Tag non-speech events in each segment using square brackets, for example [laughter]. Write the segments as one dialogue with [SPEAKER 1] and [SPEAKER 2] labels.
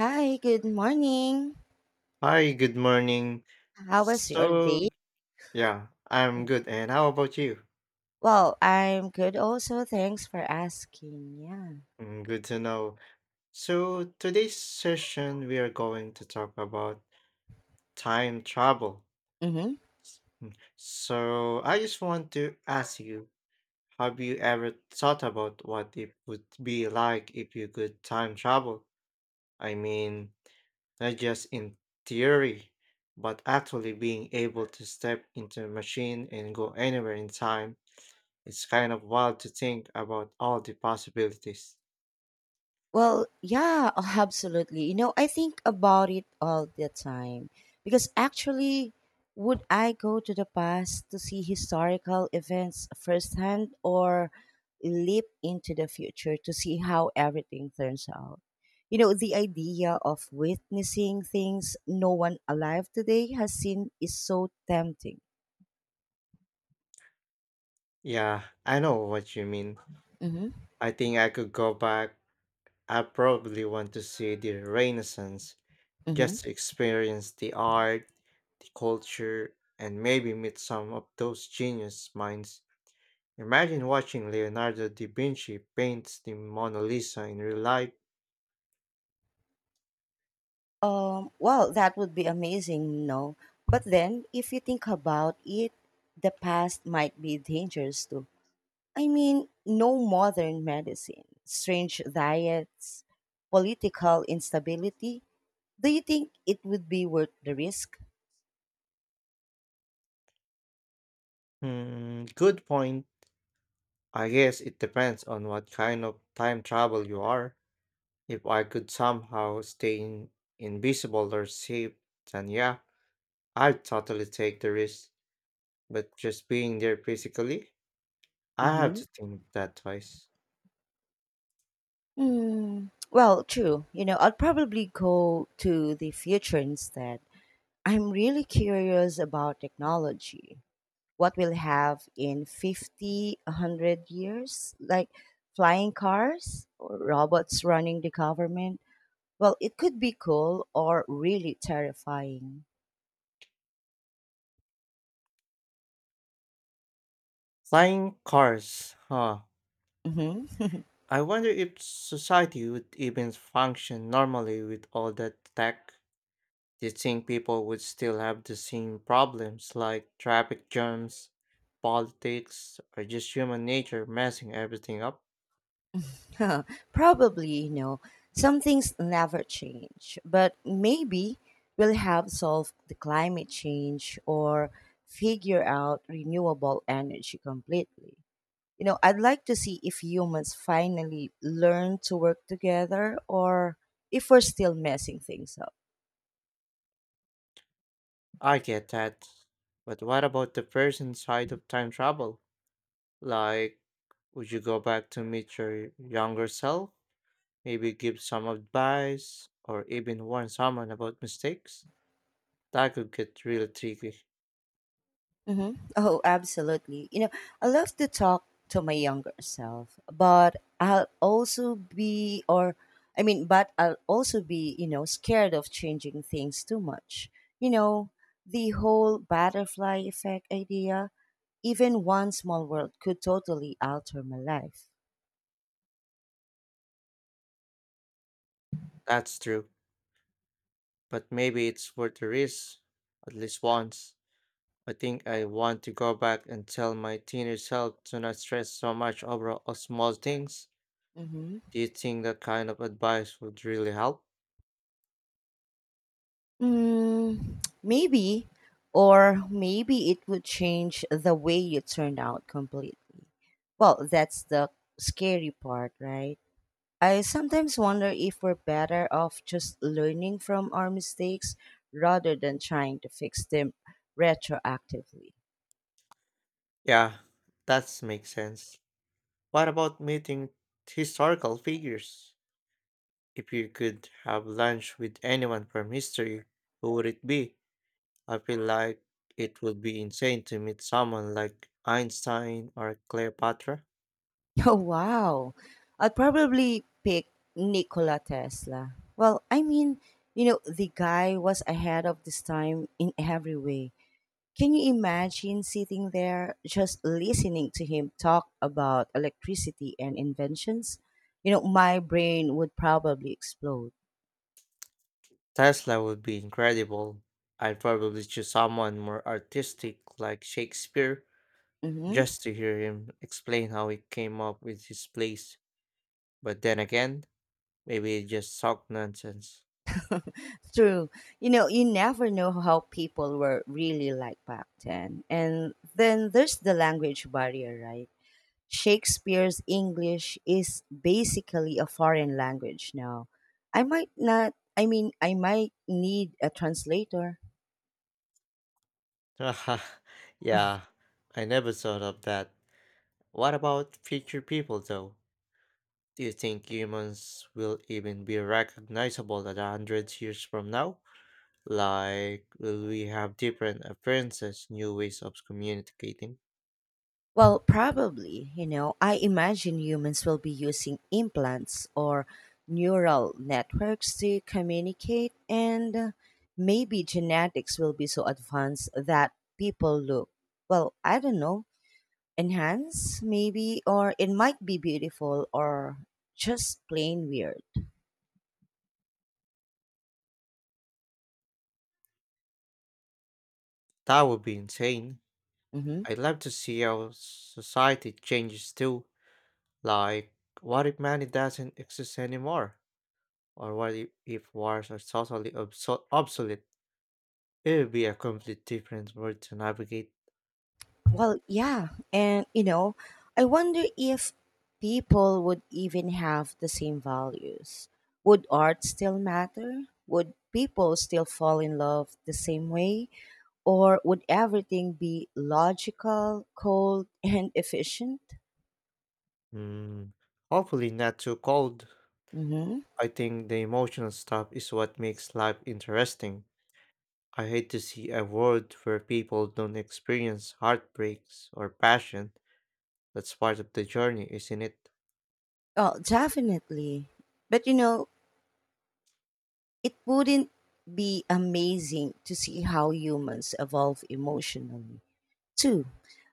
[SPEAKER 1] Hi, good morning.
[SPEAKER 2] Hi, good morning.
[SPEAKER 1] How was your
[SPEAKER 2] So,
[SPEAKER 1] day?
[SPEAKER 2] yeah,
[SPEAKER 1] Yeah.
[SPEAKER 2] I'm good. And how about you?
[SPEAKER 1] Well, I'm good also. Thanks for asking. Yeah.
[SPEAKER 2] Mm, good to know. So, today's session, we are going to talk about time travel.
[SPEAKER 1] Mm-hmm.
[SPEAKER 2] So, I just want to ask you, have you ever thought about what it would be like if you could time travel? I mean, not just in theory, but actually being able to step into a machine and go anywhere in time. It's kind of wild to think about all the possibilities.
[SPEAKER 1] Well, yeah, [laughs] absolutely. I think about it all the time because actually, would I go to the past to see historical events firsthand or leap into the future to see how everything turns out? The idea of witnessing things no one alive today has seen is so tempting.
[SPEAKER 2] Yeah, I know what you mean. I think I could go back. I probably want to see the Renaissance just
[SPEAKER 1] Mm-hmm.
[SPEAKER 2] to experience the art, the culture, and maybe meet some of those genius minds. Imagine watching Leonardo da Vinci paint the Mona Lisa in real life.
[SPEAKER 1] Well, that would be amazing, no? But then, if you think about it, the past might be dangerous too. I mean, no modern medicine, strange diets, political instability. Do you think it would be worth the risk?
[SPEAKER 2] Hmm, good point. I guess it depends on what kind of time travel you are. If I could somehow invisible or safe, then yeah, I'd totally take the risk. But just being there physically, I have to
[SPEAKER 1] Mm-hmm.
[SPEAKER 2] think that twice.
[SPEAKER 1] Mm, well, true. I'd probably go to the future instead. I'm really curious about technology, what we'll have in 50, 100 years, like flying cars or robots running the government. Well, it could be cool or really terrifying.
[SPEAKER 2] Flying cars, huh?
[SPEAKER 1] Hmm.
[SPEAKER 2] I wonder if society would even function normally with all that tech. Do you think people would still have the same problems like traffic jams, politics, or just human nature messing everything up?
[SPEAKER 1] [laughs] Probably, some things never change, but maybe we'll have solved the climate change or figure out renewable energy completely. I'd like to see if humans finally learn to work together or if we're still messing things up.
[SPEAKER 2] I get that. But what about the person side of time travel? Like, would you go back to meet your younger self? Maybe give some advice or even warn someone about mistakes? That could get really tricky.
[SPEAKER 1] Hmm. Oh, absolutely. I love to talk to my younger self, but I'll also be, or I mean, but I'll also be, scared of changing things too much. You know, the whole butterfly effect idea, even one small world could totally alter my life.
[SPEAKER 2] That's true. But maybe it's worth the risk, at least once. I think I want to go back and tell my teenage self to not stress so much over all small things. Do you think that kind of advice would really help?
[SPEAKER 1] Mm, maybe, or maybe it would change the way you turned out completely. Well, that's the scary part, right? I sometimes wonder if we're better off just learning from our mistakes rather than trying to fix them retroactively.
[SPEAKER 2] Yeah, that makes sense. What about meeting historical figures? If you could have lunch with anyone from history, who would it be? I feel like it would be insane to meet someone like Einstein or Cleopatra.
[SPEAKER 1] [laughs] Oh, wow. I'd probably pick Nikola Tesla. Well, I mean, the guy was ahead of this time in every way. Can you imagine sitting there just listening to him talk about electricity and inventions? My brain would probably explode.
[SPEAKER 2] Tesla would be incredible. I'd probably choose someone more artistic like Shakespeare
[SPEAKER 1] Mm-hmm.
[SPEAKER 2] just to hear him explain how he came up with his plays. But then again, maybe it just talk nonsense.
[SPEAKER 1] True. You never know how people were really like back then. And then there's the language barrier, right? Shakespeare's English is basically a foreign language now. I might not, I mean, I might need a translator.
[SPEAKER 2] [laughs] Yeah, I never thought of that. What about future people, though? Do you think humans will even be recognizable at 100 years from now? Like, will we have different appearances, new ways of communicating?
[SPEAKER 1] Well, probably, I imagine humans will be using implants or neural networks to communicate, and maybe genetics will be so advanced that people look, well, I don't know, enhanced maybe, or it might be beautiful or just plain weird.
[SPEAKER 2] That would be insane.
[SPEAKER 1] Hmm.
[SPEAKER 2] I'd love to see how society changes too. Like, what if money doesn't exist anymore? Or what if wars are totally obsolete? It would be a complete different world to navigate.
[SPEAKER 1] Well, yeah. And, I wonder if people would even have the same values. Would art still matter? Would people still fall in love the same way? Or would everything be logical, cold, [laughs] and efficient?
[SPEAKER 2] Hmm. Hopefully, not too cold.
[SPEAKER 1] Mm-hmm.
[SPEAKER 2] I think the emotional stuff is what makes life interesting. I hate to see a world where people don't experience heartbreaks or passion. That's part of the journey, isn't it?
[SPEAKER 1] Oh, definitely. But, it wouldn't be amazing to see how humans evolve emotionally. Two,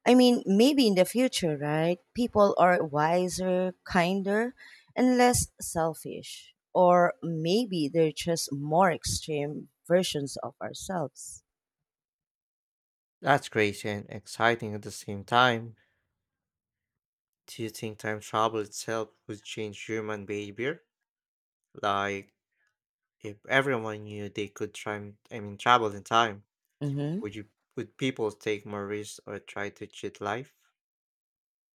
[SPEAKER 1] I mean, maybe in the future, right? People are wiser, kinder, and less selfish. Or maybe they're just more extreme versions of ourselves.
[SPEAKER 2] That's crazy and exciting at the same time. Do you think time travel itself would change human behavior? Like, if everyone knew they could travel in time,
[SPEAKER 1] Mm-hmm.
[SPEAKER 2] would you, would people take more risks or try to cheat life?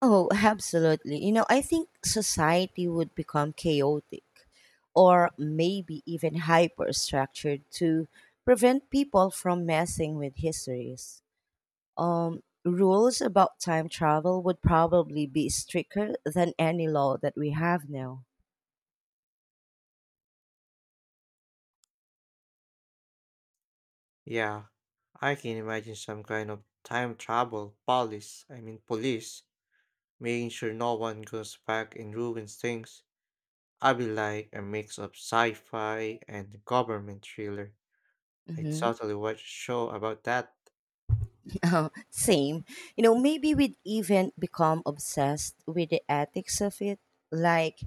[SPEAKER 1] Oh, absolutely. I think society would become chaotic or maybe even hyper structured to prevent people from messing with histories. Rules about time travel would probably be stricter than any law that we have now.
[SPEAKER 2] Yeah, I can imagine some kind of time travel police, I mean police, making sure no one goes back and ruins things. I'd be like a mix of sci-fi and government thriller. I
[SPEAKER 1] Mm-hmm.
[SPEAKER 2] totally watch a show about that.
[SPEAKER 1] [laughs] Same. Maybe we'd even become obsessed with the ethics of it. Like,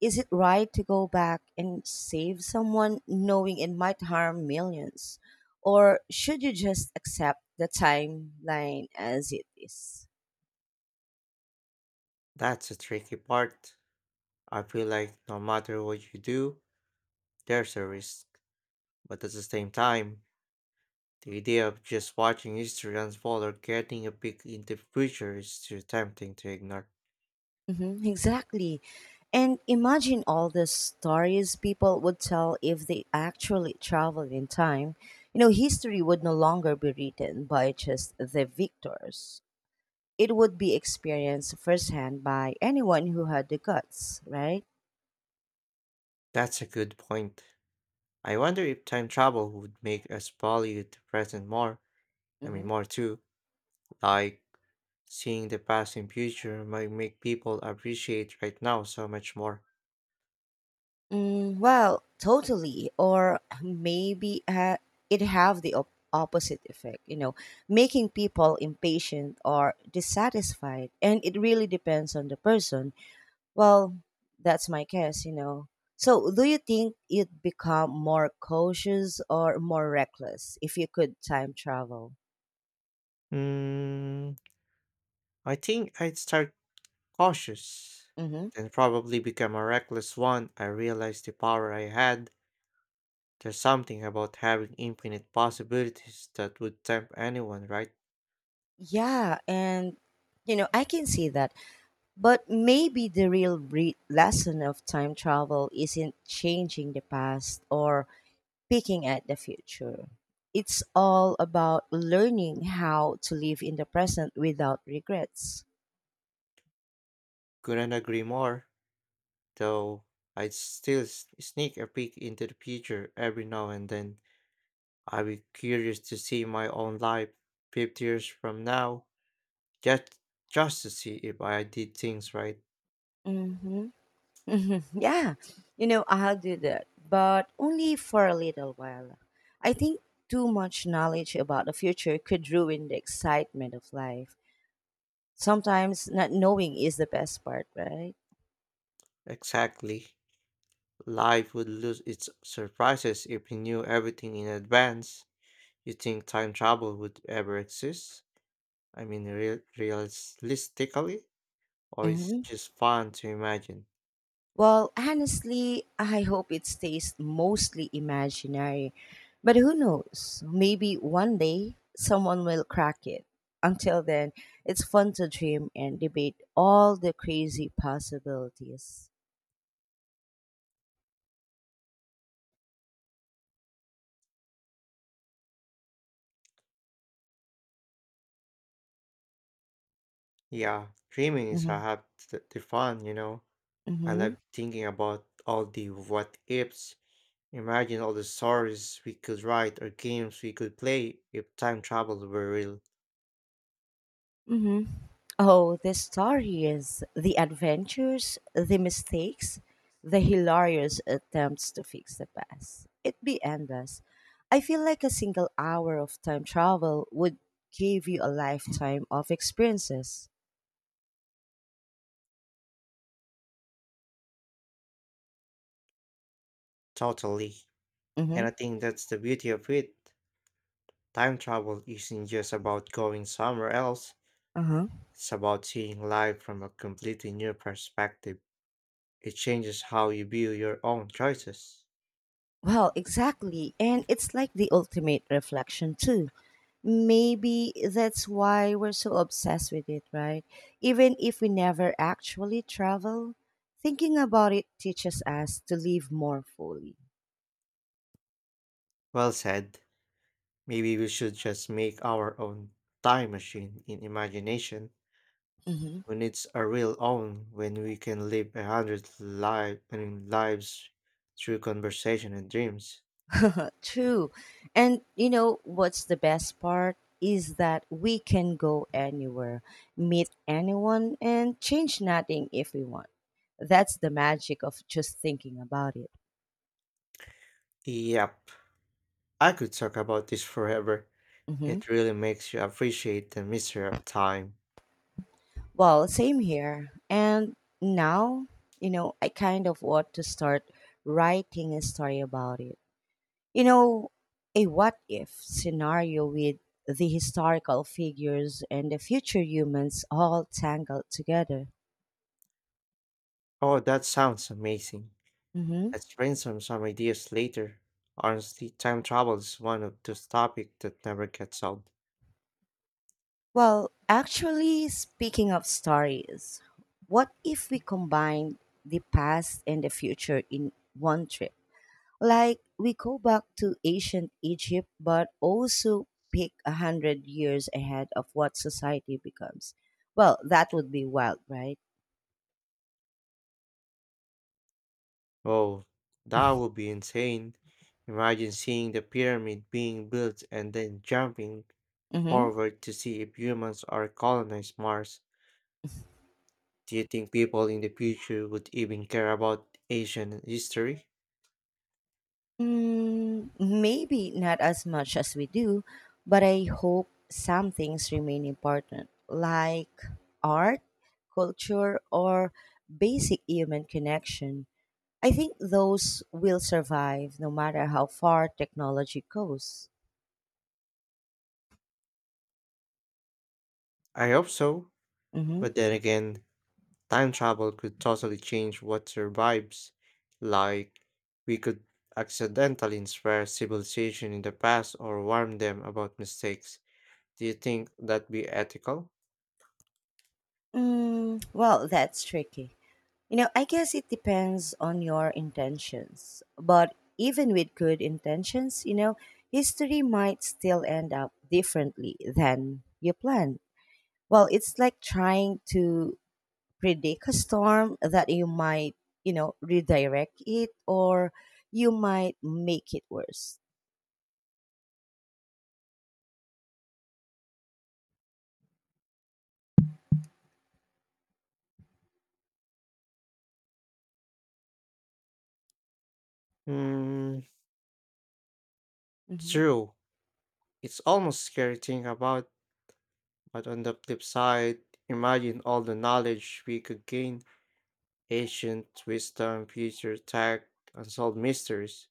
[SPEAKER 1] is it right to go back and save someone knowing it might harm millions? Or should you just accept the timeline as it is?
[SPEAKER 2] That's a tricky part. I feel like no matter what you do, there's a risk. But at the same time, the idea of just watching history unfold or getting a peek into the future is too tempting to ignore.
[SPEAKER 1] Hmm, exactly. And imagine all the stories people would tell if they actually traveled in time. History would no longer be written by just the victors. It would be experienced firsthand by anyone who had the guts, right?
[SPEAKER 2] That's a good point. I wonder if time travel would make us value the present more. I mean,
[SPEAKER 1] Hmm.
[SPEAKER 2] more too. Like, seeing the past and future might make people appreciate right now so much more.
[SPEAKER 1] Mm, well, totally. Or [clears throat] maybe it have the opposite effect, making people impatient or dissatisfied. And it really depends on the person. Well, that's my guess. So, do you think you'd become more cautious or more reckless if you could time travel?
[SPEAKER 2] Mm, I think I'd start cautious,
[SPEAKER 1] Mm-hmm.
[SPEAKER 2] then probably become a reckless one. I realized the power I had. There's something about having infinite possibilities that would tempt anyone, right?
[SPEAKER 1] Yeah, and I can see that. But maybe the real lesson of time travel isn't changing the past or picking at the future. It's all about learning how to live in the present without regrets.
[SPEAKER 2] Couldn't agree more, though I'd still sneak a peek into the future every now and then. I'd be curious to see my own life 50 years from now, just, just to see if I did things right.
[SPEAKER 1] Mm-hmm. Mhm, yeah, I'll do that, but only for a little while. I think too much knowledge about the future could ruin the excitement of life. Sometimes not knowing is the best part, right?
[SPEAKER 2] Exactly. Life would lose its surprises if we knew everything in advance. You think time travel would ever exist? I mean, realistically? Or it's
[SPEAKER 1] Hmm.
[SPEAKER 2] just fun to imagine?
[SPEAKER 1] Well, honestly, I hope it stays mostly imaginary. But who knows? Maybe one day someone will crack it. Until then, it's fun to dream and debate all the crazy possibilities.
[SPEAKER 2] Yeah, dreaming is
[SPEAKER 1] Mm-hmm.
[SPEAKER 2] half the fun, you know. I
[SPEAKER 1] Mm-hmm.
[SPEAKER 2] love thinking about all the what ifs. Imagine all the stories we could write or games we could play if time travel were real.
[SPEAKER 1] Hmm. Oh, this story is the adventures, the mistakes, the hilarious attempts to fix the past. It'd be endless. I feel like a single hour of time travel would give you a lifetime of experiences.
[SPEAKER 2] Totally.
[SPEAKER 1] Mm-hmm.
[SPEAKER 2] And I think that's the beauty of it. Time travel isn't just about going somewhere else,
[SPEAKER 1] Uh-huh.
[SPEAKER 2] it's about seeing life from a completely new perspective. It changes how you view your own choices.
[SPEAKER 1] Well, exactly. And it's like the ultimate reflection, too. Maybe that's why we're so obsessed with it, right? Even if we never actually travel, thinking about it teaches us to live more fully.
[SPEAKER 2] Well said. Maybe we should just make our own time machine in imagination.
[SPEAKER 1] Hmm.
[SPEAKER 2] When it's a real own, when we can live a hundred lives through conversation and dreams.
[SPEAKER 1] True. And you know what's the best part is that we can go anywhere, meet anyone, and change nothing if we want. That's the magic of just thinking about
[SPEAKER 2] Yep, I could talk about this forever.
[SPEAKER 1] it.
[SPEAKER 2] It really makes you appreciate the mystery of time.
[SPEAKER 1] Well, same here. And now, I kind of want to start writing a story about it. You know, a what if scenario with the historical figures and the future humans all tangled together.
[SPEAKER 2] Oh, that sounds amazing.
[SPEAKER 1] Hmm.
[SPEAKER 2] Let's brainstorm some ideas later. Honestly, time travel is one of those topics that never gets old.
[SPEAKER 1] Well, actually, speaking of stories, what if we combined the past and the future in one trip? Like we go back to ancient Egypt, but also pick 100 years ahead of what society becomes. Well, that would be wild, right?
[SPEAKER 2] Oh, that
[SPEAKER 1] [laughs]
[SPEAKER 2] would be insane. Imagine seeing the pyramid being built and then jumping
[SPEAKER 1] Mm-hmm.
[SPEAKER 2] forward to see if humans are colonized Mars, do you think people in the future would even care about Asian history?
[SPEAKER 1] Mm, maybe not as much as we do, but I hope some things remain important, like art, culture, or basic human connection. I think those will survive no matter how far technology goes.
[SPEAKER 2] I hope so,
[SPEAKER 1] Mhm.
[SPEAKER 2] but then again, time travel could totally change what survives. Like, we could accidentally inspire civilization in the past or warn them about mistakes. Do you think that'd be ethical?
[SPEAKER 1] Mm, well, that's tricky. I guess it depends on your intentions. But even with good intentions, history might still end up differently than you planned. Well, it's like trying to predict a storm that you might, redirect it or you might make it worse.
[SPEAKER 2] Mm, true. It's almost scary thinking about, but on the flip side, imagine all the knowledge we could gain, ancient wisdom, future tech, unsolved mysteries.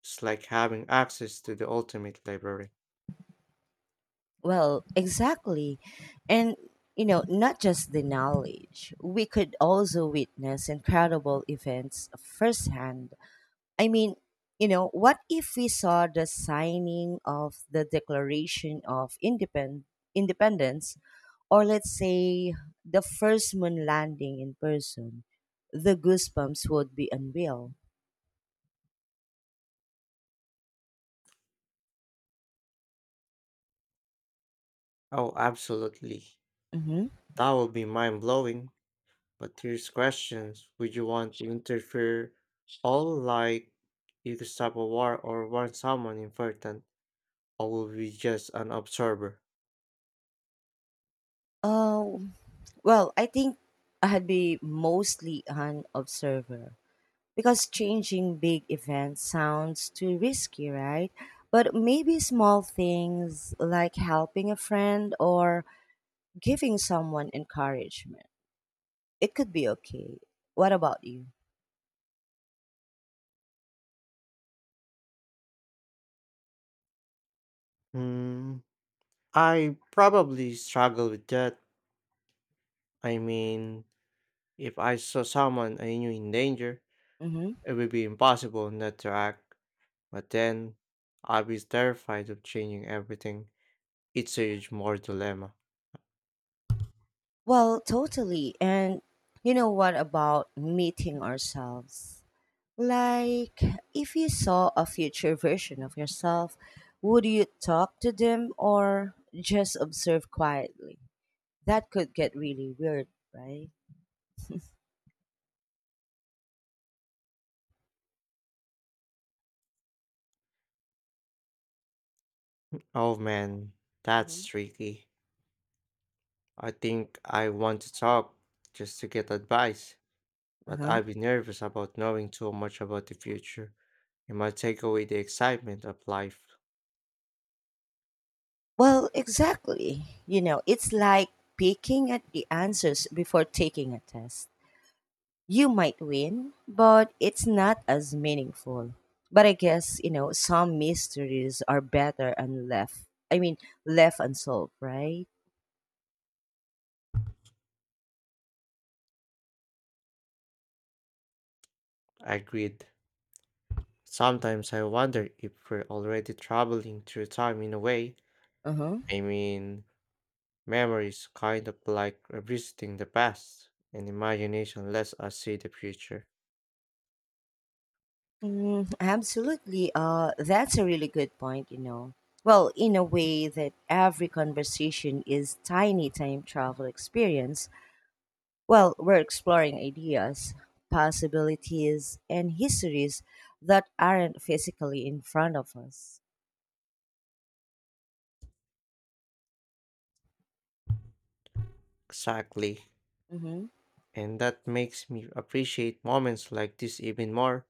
[SPEAKER 2] It's like having access to the ultimate library.
[SPEAKER 1] Well, exactly. And, not just the knowledge, we could also witness incredible events firsthand. I mean, what if we saw the signing of the Declaration of Independence, or let's say the first moon landing in person? The goosebumps would be unreal.
[SPEAKER 2] Oh, absolutely.
[SPEAKER 1] Mm-hmm.
[SPEAKER 2] That would be mind blowing. But here's questions. Would you want to interfere all like you stop a war or warn someone important or will be just an observer?
[SPEAKER 1] Uh, well, I think I'd be mostly an observer, because changing big events sounds too risky, right? But maybe small things like helping a friend or giving someone encouragement, it could be okay. What about you?
[SPEAKER 2] Hmm. I probably struggle with that. I mean, if I saw someone I knew in danger,
[SPEAKER 1] Hmm.
[SPEAKER 2] it would be impossible not to act. But then I'd be terrified of changing everything. It's a huge moral dilemma.
[SPEAKER 1] Well, totally. And you know what about meeting ourselves? Like, if you saw a future version of yourself, would you talk to them or just observe quietly? That could get really weird, right? [laughs]
[SPEAKER 2] Oh man,
[SPEAKER 1] Hmm.
[SPEAKER 2] that's tricky. I think I want to talk just to get advice, but
[SPEAKER 1] Uh-huh.
[SPEAKER 2] I'd be nervous about knowing too much about the future. It might take away the excitement of life.
[SPEAKER 1] Well, exactly. It's like picking at the answers before taking a test. You might win, but it's not as meaningful. But I guess, some mysteries are better and left unsolved, right?
[SPEAKER 2] I Agreed. Sometimes I wonder if we're already traveling through time in a way.
[SPEAKER 1] Uh-huh.
[SPEAKER 2] I mean, memory is kind of like revisiting the past, and imagination lets us see the future.
[SPEAKER 1] Mm, absolutely. That's a really good point. Well, in a way that every conversation is tiny time travel experience. Well, we're exploring ideas, possibilities, and histories that aren't physically in front of us.
[SPEAKER 2] Exactly. And that makes me appreciate moments like this even more.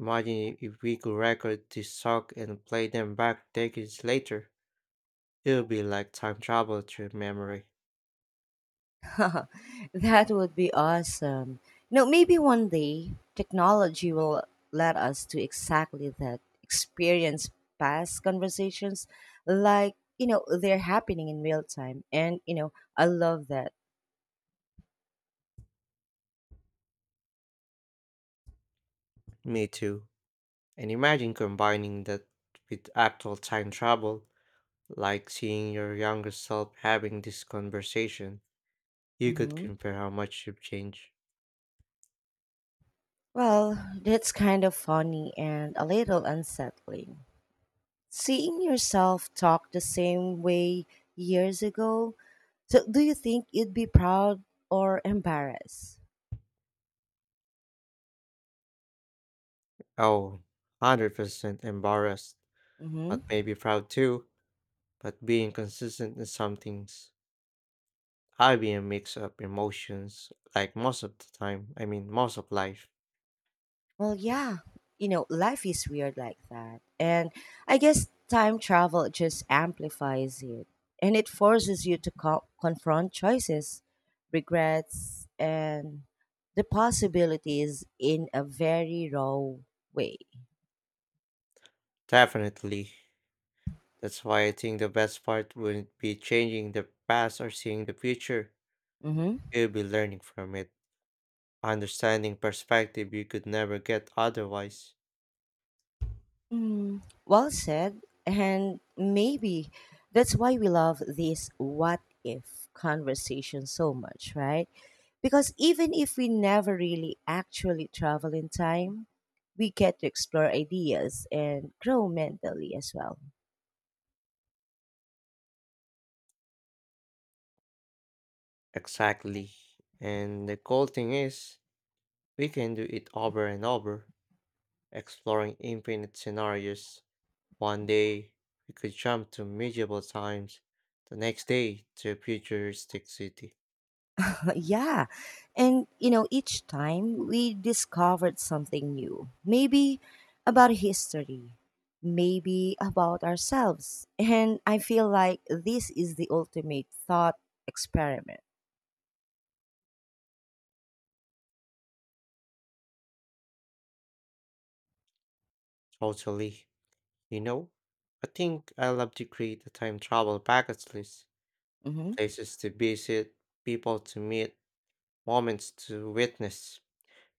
[SPEAKER 2] Imagine if we could record this song and play them back decades later. It would be like time travel through memory.
[SPEAKER 1] [laughs] That would be awesome. No, maybe one day technology will let us do exactly that. Experience past conversations like, they're happening in real time. And, I love that.
[SPEAKER 2] Me too. And imagine combining that with actual time travel, like seeing your younger self having this conversation. You could
[SPEAKER 1] Hmm.
[SPEAKER 2] compare how much you've changed.
[SPEAKER 1] Well, that's kind of funny and a little unsettling. Seeing yourself talk the same way years ago, so do you think you'd be proud or embarrassed?
[SPEAKER 2] Oh, 100% embarrassed,
[SPEAKER 1] Hmm.
[SPEAKER 2] but maybe proud too. But being consistent in some things. I'd be a mix of emotions, like most of life.
[SPEAKER 1] Well, yeah, life is weird like that. And I guess time travel just amplifies it and it forces you to confront choices, regrets, and the possibilities in a very raw way.
[SPEAKER 2] Definitely. That's why I think the best part wouldn't be changing the past or seeing the future.
[SPEAKER 1] Mhm.
[SPEAKER 2] It would be learning from it, understanding perspective you could never get otherwise.
[SPEAKER 1] Mm, well said. And maybe that's why we love these what if conversations so much, right? Because even if we never really actually travel in time, we get to explore ideas and grow mentally as well.
[SPEAKER 2] Exactly. And the cool thing is, we can do it over and over, exploring infinite scenarios. One day, we could jump to medieval times. The next day, to a futuristic city.
[SPEAKER 1] But yeah. And, each time we discovered something new. Maybe about history, maybe about ourselves. And I feel like this is the ultimate thought experiment.
[SPEAKER 2] Totally. You know, I think I love to create a time travel bucket list.
[SPEAKER 1] Mm-hmm.
[SPEAKER 2] Places to visit, people to meet, moments to witness.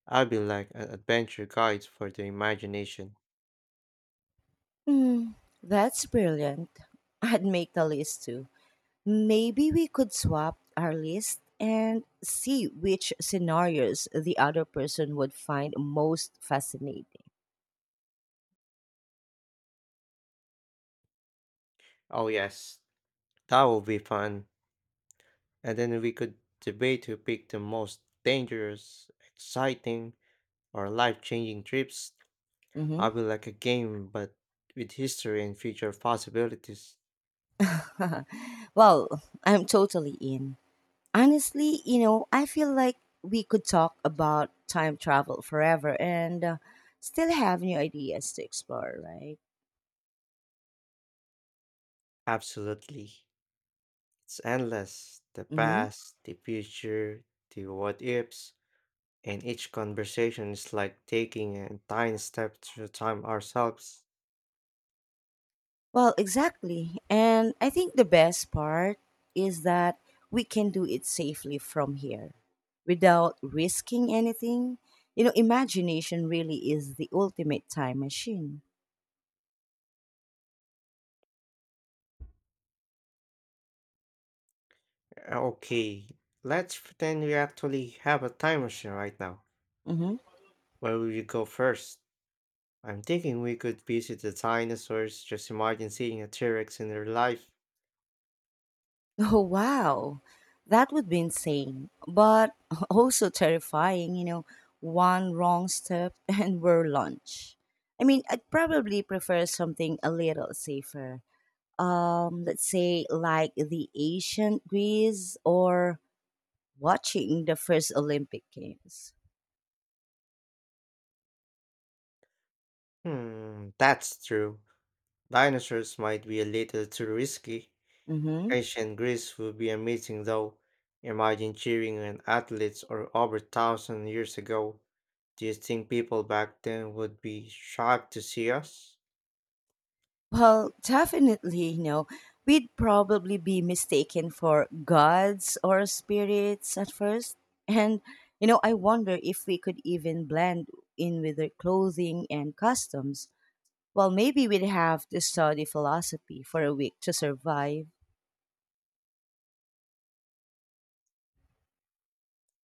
[SPEAKER 2] I'll be like an adventure guide for the imagination.
[SPEAKER 1] Hmm. Mm, that's brilliant. [laughs] I'd make the list too. Maybe we could swap our list and see which scenarios the other person would find most fascinating.
[SPEAKER 2] Oh, yes, that will be fun. And then we could debate who picked the most dangerous, exciting, or life changing trips.
[SPEAKER 1] Mm-hmm.
[SPEAKER 2] I'll be like a game, but with history and future possibilities.
[SPEAKER 1] [laughs] Well, I'm totally in. Honestly, I feel like we could talk about time travel forever and still have new ideas to explore, right?
[SPEAKER 2] Absolutely. It's endless. The
[SPEAKER 1] Mm-hmm.
[SPEAKER 2] past, the future, the what ifs. And each conversation is like taking a tiny step through time ourselves.
[SPEAKER 1] Well, exactly. And I think the best part is that we can do it safely from here without risking anything. Imagination really is the ultimate time machine.
[SPEAKER 2] Okay, let's pretend we actually have a time machine right now.
[SPEAKER 1] Mm-hmm.
[SPEAKER 2] Where will you go first? I'm thinking we could visit the dinosaurs. Just imagine seeing a T Rex in real life.
[SPEAKER 1] Oh, wow. That would be insane, but [laughs] also terrifying, one wrong step [laughs] and we're lunch. I mean, I'd probably prefer something a little safer. Let's say like the ancient Greece or watching the first Olympic Games.
[SPEAKER 2] Hmm, that's true. Dinosaurs might be a little too risky.
[SPEAKER 1] Mm-hmm.
[SPEAKER 2] Ancient Greece would be amazing though. Imagine cheering on athletes or over 1,000 years ago. Do you think people back then would be shocked to see us?
[SPEAKER 1] Well, definitely, we'd probably be mistaken for gods or spirits at first. And, I wonder if we could even blend in with their clothing and customs. Well, maybe we'd have to study philosophy for a week to survive.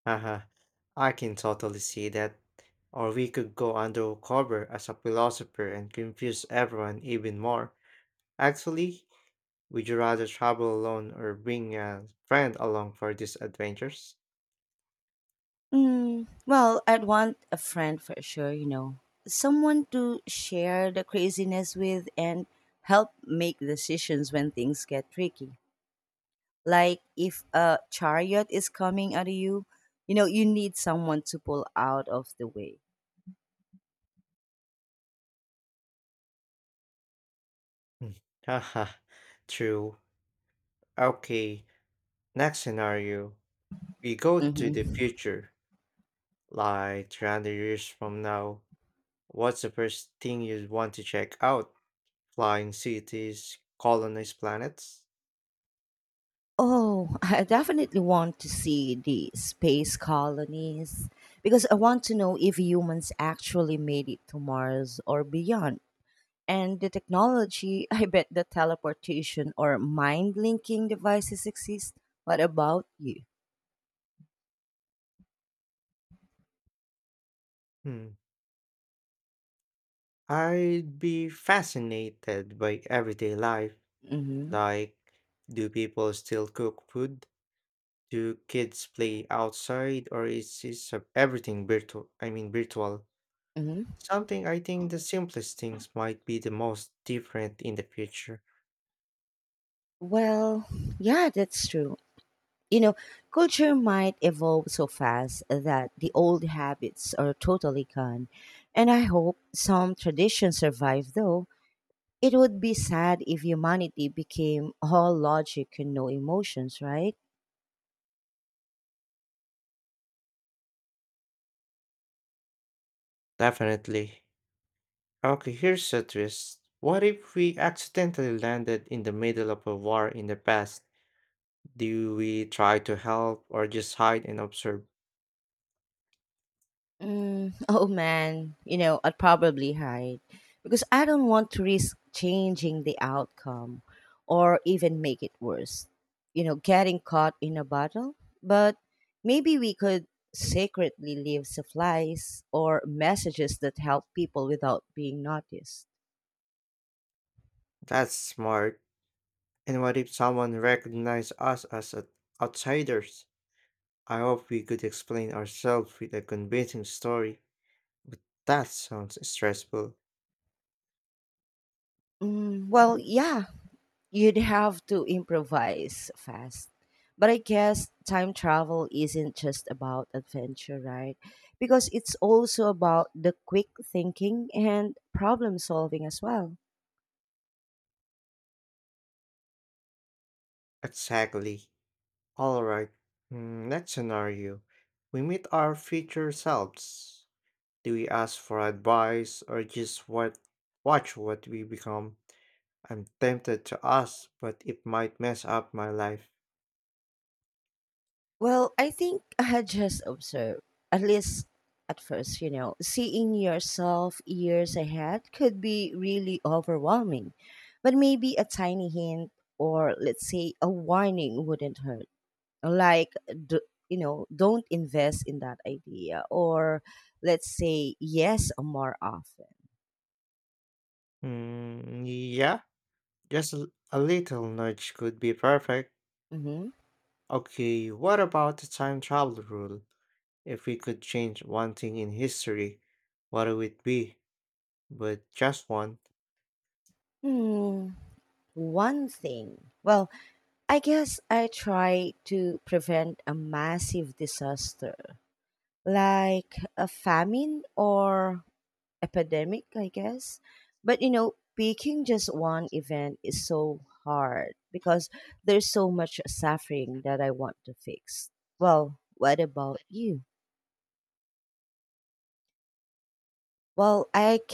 [SPEAKER 2] Haha, I can totally see that. Or we could go undercover as a philosopher and confuse everyone even more. Actually, would you rather travel alone or bring a friend along for these adventures?
[SPEAKER 1] Mm, well, I'd want a friend for sure. Someone to share the craziness with and help make decisions when things get tricky. Like if a chariot is coming at you, you need someone to pull out of the way.
[SPEAKER 2] [laughs] Hmm, Haha, true. Okay, next scenario. We go to
[SPEAKER 1] Hmm.
[SPEAKER 2] the future, like 300 years from now, what's the first thing you'd want to check out? Flying cities, colonized planets?
[SPEAKER 1] Oh, [laughs] I definitely want to see the space colonies because I want to know if humans actually made it to Mars or beyond. And the technology, [laughs] I bet the teleportation or mind linking devices exist. What about you?
[SPEAKER 2] Hmm. I'd be fascinated by everyday life.
[SPEAKER 1] Mhm.
[SPEAKER 2] Like, do people still cook food? Do kids play outside, or is this everything virtual?
[SPEAKER 1] Mhm.
[SPEAKER 2] Something I think the simplest things might be the most different in the future.
[SPEAKER 1] Well, yeah, that's true. You know, culture might evolve so fast that the old habits are totally gone. And I hope some traditions survive though. It would be sad if humanity became all logic and no emotions, right?
[SPEAKER 2] Definitely. Okay, here's a twist. What if we accidentally landed in the middle of a war in the past? Do we try to help or just hide and observe?
[SPEAKER 1] Mm, [laughs] oh man, I'd probably hide because I don't want to risk changing the outcome or even make it worse. Getting caught in a battle. But maybe we could secretly leave supplies or messages that help people without being noticed.
[SPEAKER 2] That's smart. And what if someone recognized us as outsiders? I hope we could explain ourselves with a convincing story. But that sounds stressful.
[SPEAKER 1] Mm, well, yeah, you'd have to improvise fast. But I guess time travel isn't just about adventure, right? Because it's also about the quick thinking and problem solving as well.
[SPEAKER 2] Exactly. Alright, next scenario. We meet our future selves. Do we ask for advice or just watch what we become? I'm tempted to ask, but it might mess up my life.
[SPEAKER 1] Well, I think I had just observed, at least at first. Seeing yourself years ahead could be really overwhelming. But maybe a tiny hint or let's say a warning wouldn't hurt. Like, d- don't invest in that idea, or let's say yes more often.
[SPEAKER 2] Mm, yeah, just a little nudge could be perfect.
[SPEAKER 1] Hmm.
[SPEAKER 2] Okay, what about the time travel rule? If we could change one thing in history, what would it be? But just one.
[SPEAKER 1] Hmm. One thing, well, I guess I try to prevent a massive disaster like a famine or epidemic, I guess. But picking just one event is so hard because there's so much suffering that I want to fix. Well, what about you? Well, I